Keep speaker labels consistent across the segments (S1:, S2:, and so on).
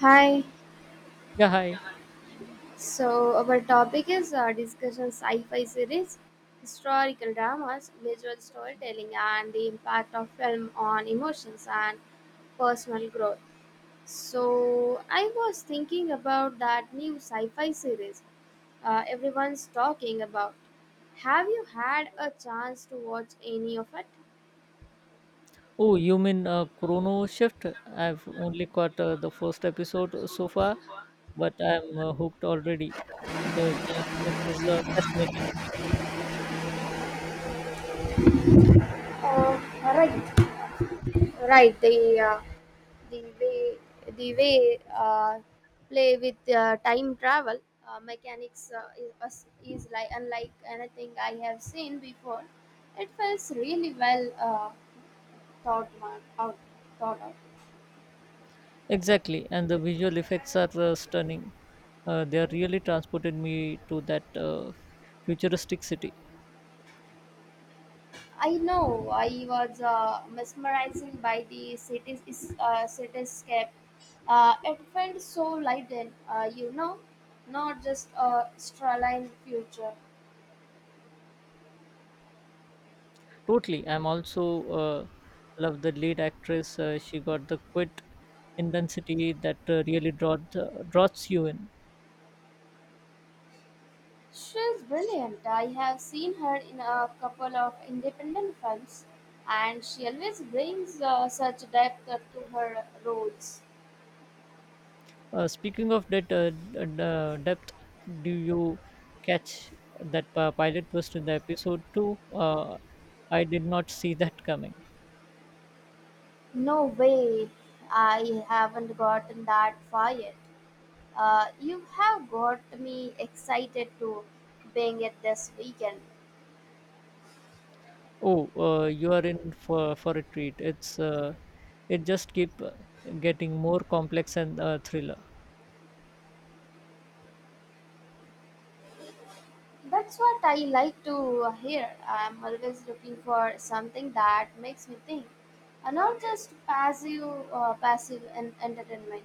S1: Hi.
S2: Yeah, hi.
S1: So our topic is discussion sci-fi series, historical dramas, visual storytelling, and the impact of film on emotions and personal growth. So I was thinking about that new sci-fi series everyone's talking about. Have you had a chance to watch any of it?
S2: Oh, you mean Chrono Shift? I've only caught the first episode so far, but I'm hooked already. The premise is fascinating.
S1: Right, right. Uh, the way the way play with time travel mechanics is like unlike anything I have seen before. It feels really well thought one- out thought out.
S2: Exactly, and the visual effects are stunning. They are really transported me to that futuristic city.
S1: I know I was mesmerizing by the cities is cityscape. It felt so light and not just a straight line future.
S2: Totally. I'm also love the lead actress. She got the quit intensity that really draws you in.
S1: She's brilliant. I have seen her in a couple of independent films, and she always brings such depth to her roles.
S2: Speaking of that depth, do you catch that pilot twist in the episode two? I did not see that coming.
S1: No way, I haven't gotten that far yet. You have got me excited to being it this weekend.
S2: Oh, you are in for a treat. It just keep getting more complex and thriller.
S1: That's what I like to hear. I'm always looking for something that makes me think, and not just entertainment.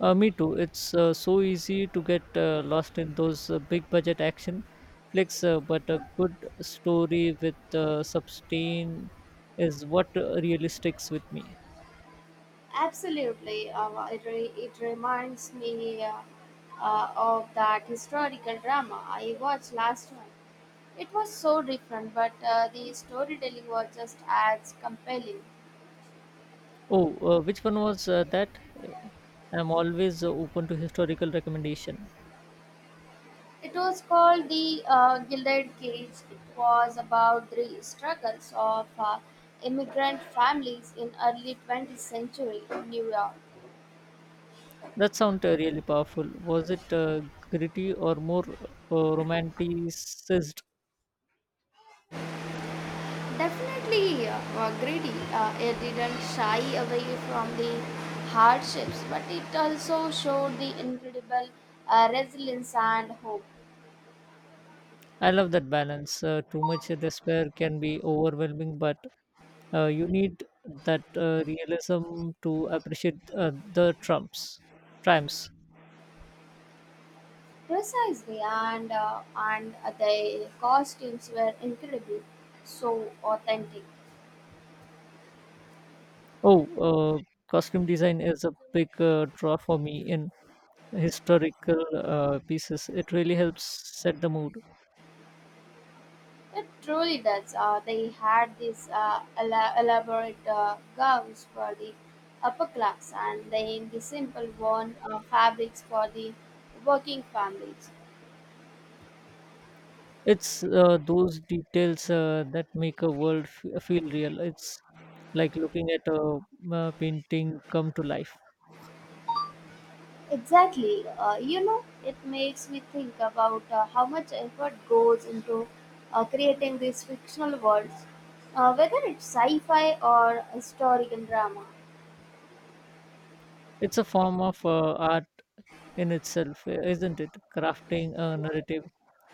S2: Me too. It's so easy to get lost in those big budget action flicks, but a good story with sustain is what really sticks with me.
S1: Absolutely, it reminds me of that historical drama I watched last month. It was so different, but the storytelling was just as compelling.
S2: Oh, which one was that? Uh, I'm always open to historical recommendation.
S1: It was called The Gilded Cage. It was about the struggles of immigrant families in early 20th century New York.
S2: That sounds really powerful. Was it gritty or more romanticized?
S1: Definitely, greedy. It didn't shy away from the hardships, but it also showed the incredible resilience and hope.
S2: I love that balance. Too much despair can be overwhelming, but you need that realism to appreciate the trumps triumphs.
S1: Precisely, and the costumes were incredible, so authentic.
S2: Oh, costume design is a big draw for me in historical pieces. It really helps set the mood.
S1: It truly does. They had these elaborate gowns for the upper class, and then the simple worn fabrics for the working families.
S2: It's those details that make a world feel real. It's like looking at a painting come to life.
S1: Exactly. It makes me think about how much effort goes into creating these fictional worlds, whether it's sci fi or historical drama.
S2: It's a form of art in itself, isn't it? Crafting a narrative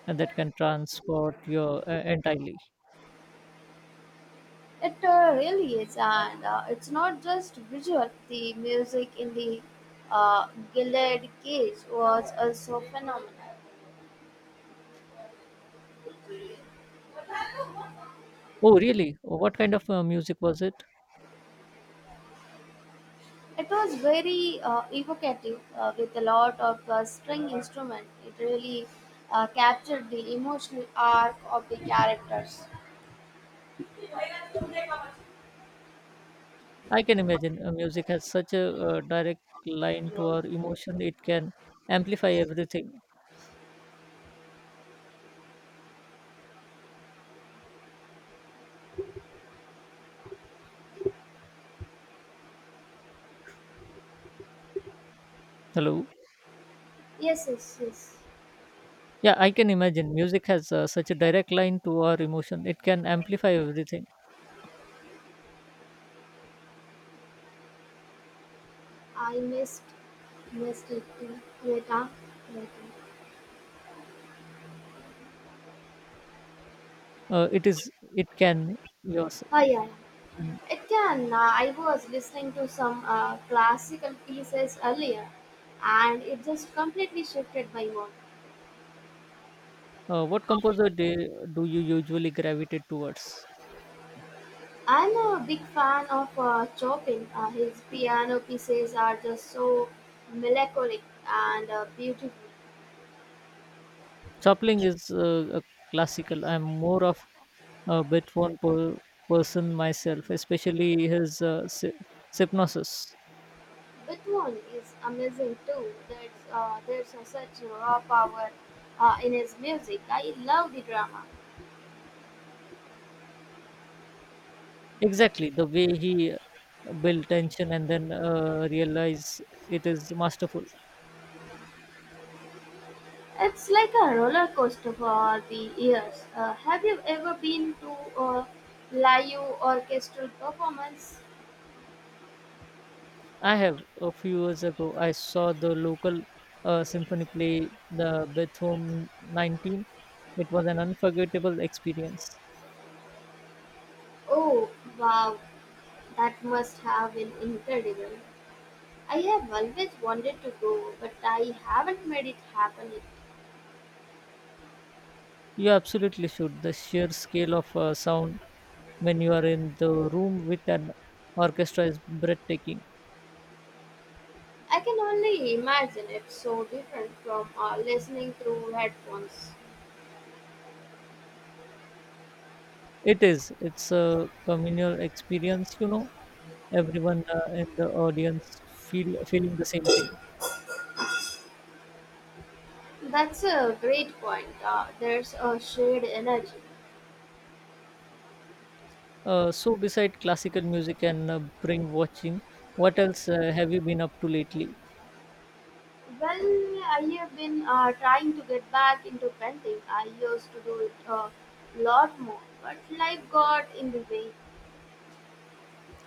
S2: and that can transport you entirely.
S1: It really is, and it's not just visual. The music in the uh, Gilded Cage was also phenomenal.
S2: Oh, really? What kind of music was it?
S1: It was very evocative with a lot of string instrument. It really captured the emotional arc of the characters.
S2: I can imagine music has such a direct line to our emotion, it can amplify everything. Hello?
S1: Yes, yes, yes.
S2: Yeah, I can imagine. Music has such a direct line to our emotion. It can amplify everything.
S1: I missed, missed it. Meta, meta.
S2: It is. It can. Yours.
S1: Ah, yeah, yeah.
S2: Mm.
S1: It can. I was listening to some classical pieces earlier, and it just completely shifted my mood.
S2: What composer do you usually gravitate towards?
S1: I'm a big fan of Chopin. His piano pieces are just so melancholic and beautiful.
S2: Chopling is a classical. I'm more of a Beethoven person myself, especially his Sypnosis.
S1: Buthon is amazing too, there's a such raw power in his music. I love the drama.
S2: Exactly the way he built tension and then realize it is masterful.
S1: It's like a roller coaster for the ears. Have you ever been to a live orchestral performance?
S2: I have. A few years ago, I saw the local symphony play the Beethoven 19. It was an unforgettable experience.
S1: Oh wow, that must have been incredible. I have always wanted to go, but I haven't made it happen yet.
S2: You absolutely should. The sheer scale of sound when you are in the room with an orchestra is breathtaking.
S1: I can only imagine it's so different from listening through headphones.
S2: It is. It's a communal experience, you know. Everyone in the audience feeling the same thing.
S1: That's a great point. There's a shared energy.
S2: So, beside classical music and brain watching, what else have you been up to lately?
S1: Well, I have been trying to get back into painting. I used to do it a lot more, but life got in the way.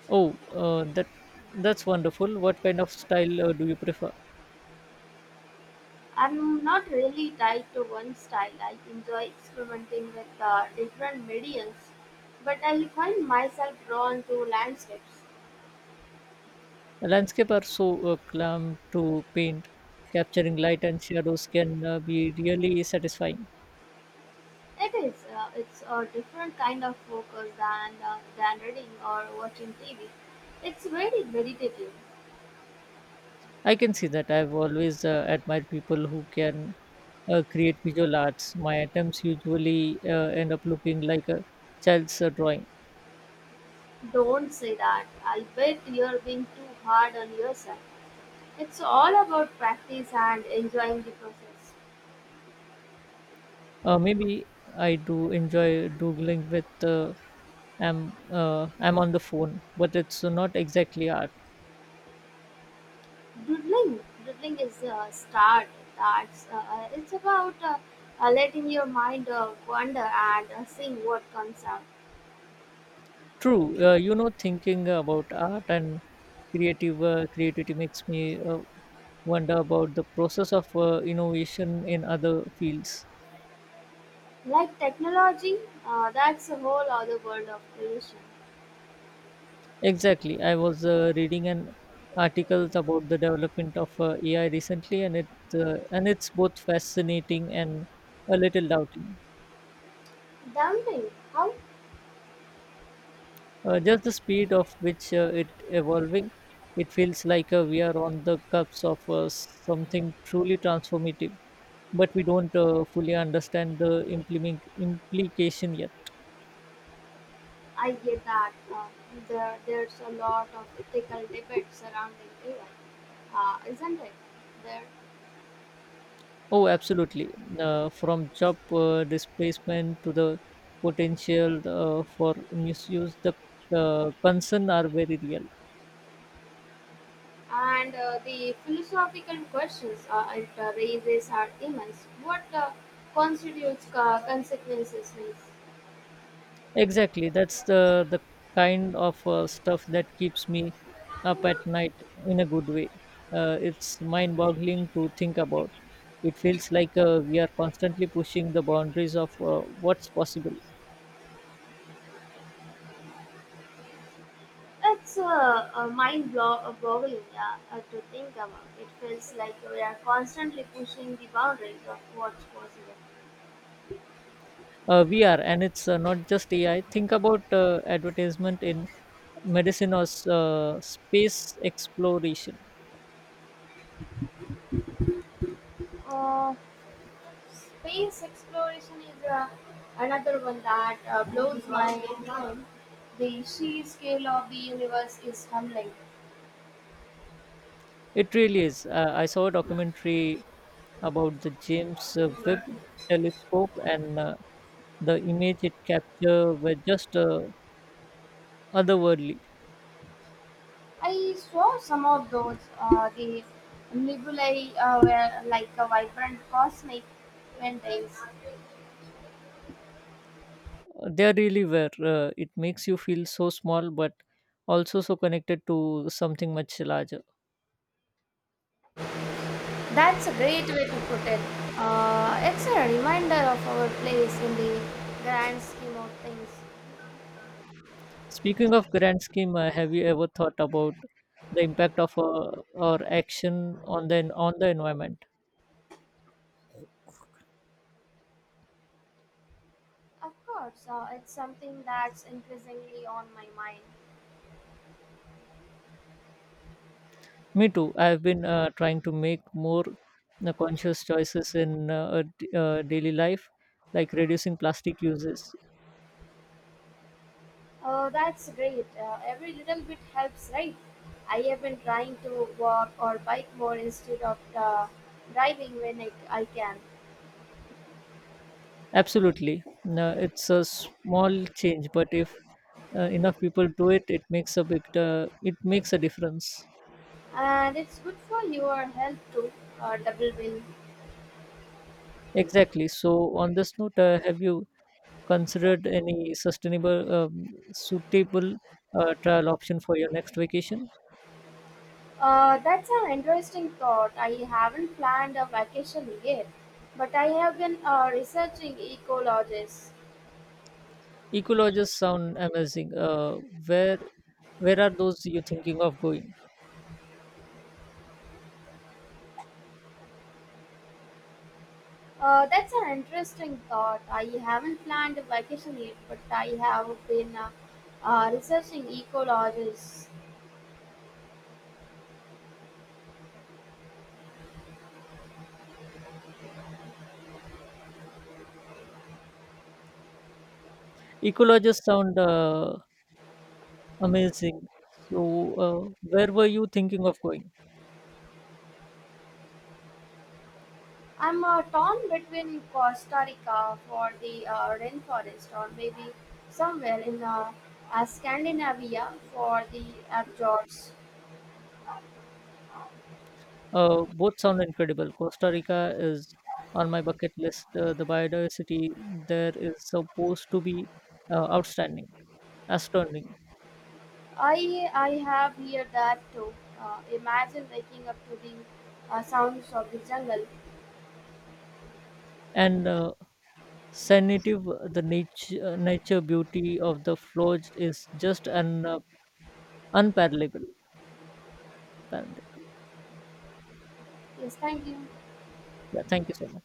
S2: Oh, that's wonderful. What kind of style do you prefer?
S1: I'm not really tied to one style. I enjoy experimenting with different mediums, but I find myself drawn to landscapes.
S2: Landscape are so clam to paint. Capturing light and shadows can be really satisfying.
S1: It is. It's a different kind of focus than reading or watching TV. It's very meditative.
S2: I can see that. I've always admired people who can create visual arts. My attempts usually end up looking like a child's drawing.
S1: Don't say that. I'll bet you're being too hard on yourself. It's all about practice and enjoying the process.
S2: Maybe I do enjoy doodling with. I'm on the phone, but it's not exactly art.
S1: Doodling, doodling is a start. That's it's about letting your mind wander and seeing what comes out.
S2: True. You know, thinking about art and creative creativity makes me wonder about the process of innovation in other fields.
S1: Like technology, that's a whole other world of creation.
S2: Exactly. I was reading an article about the development of AI recently, and it's both fascinating and a little doubting.
S1: Dumping, how?
S2: Just the speed of which it evolving, it feels like we are on the cusp of something truly transformative. But we don't fully understand the implement implication yet.
S1: I get that. There's a lot of ethical debate surrounding AI, isn't it? There.
S2: Oh, absolutely. From job displacement to the potential for misuse, the concern are very real.
S1: And the philosophical questions it raises are immense. What constitutes consequences means?
S2: Exactly. That's the kind of stuff that keeps me up at night in a good way. It's mind-boggling to think about. It feels like we are constantly pushing the boundaries of what's possible.
S1: It's boggling, yeah, to think about. It feels like we are constantly pushing the boundaries of what's possible.
S2: VR, and it's not just AI. Think about advertisement in medicine or space exploration.
S1: Uh, Space exploration is another one that blows my mind. The sheer scale of the universe is humbling.
S2: It really is. I saw a documentary about the James Webb telescope, and the image it captured were just otherworldly.
S1: I saw some of those. The nebulae were like a vibrant cosmic mountains.
S2: They really were. It makes you feel so small, but also so connected to something much larger.
S1: That's a great way to put it. It's a reminder of our place in the grand scheme of things.
S2: Speaking of grand scheme, have you ever thought about the impact of our action on the environment?
S1: Of course, it's something that's increasingly on my mind.
S2: Me too. I have been trying to make more conscious choices in daily life, like reducing plastic uses.
S1: Oh, that's great. Every little bit helps, right? I have been trying to walk or bike more instead of driving when I can.
S2: Absolutely, no, it's a small change, but if enough people do it, it makes a big it makes a difference.
S1: And it's good for your health too. Double win.
S2: Exactly. So on this note, have you considered any suitable trial option for your next vacation?
S1: That's an interesting thought. I haven't planned a vacation yet, but I have been researching ecologists.
S2: Ecologists sound amazing. Where where are those you thinking of going?
S1: That's an interesting thought. I haven't planned a vacation yet, but I have been researching ecologists.
S2: Ecologists sound amazing. So where were you thinking of going?
S1: I'm torn between Costa Rica for the rainforest, or maybe somewhere in Scandinavia for the fjords.
S2: Both sound incredible. Costa Rica is on my bucket list. The biodiversity there is supposed to be uh, outstanding, astounding,
S1: I have heard that too. Imagine waking up to the sounds of the jungle.
S2: and Sensitive, the nature beauty of the floors is just an unparallelable. Parallelable.
S1: Yes, thank you.
S2: Yeah, thank you so much.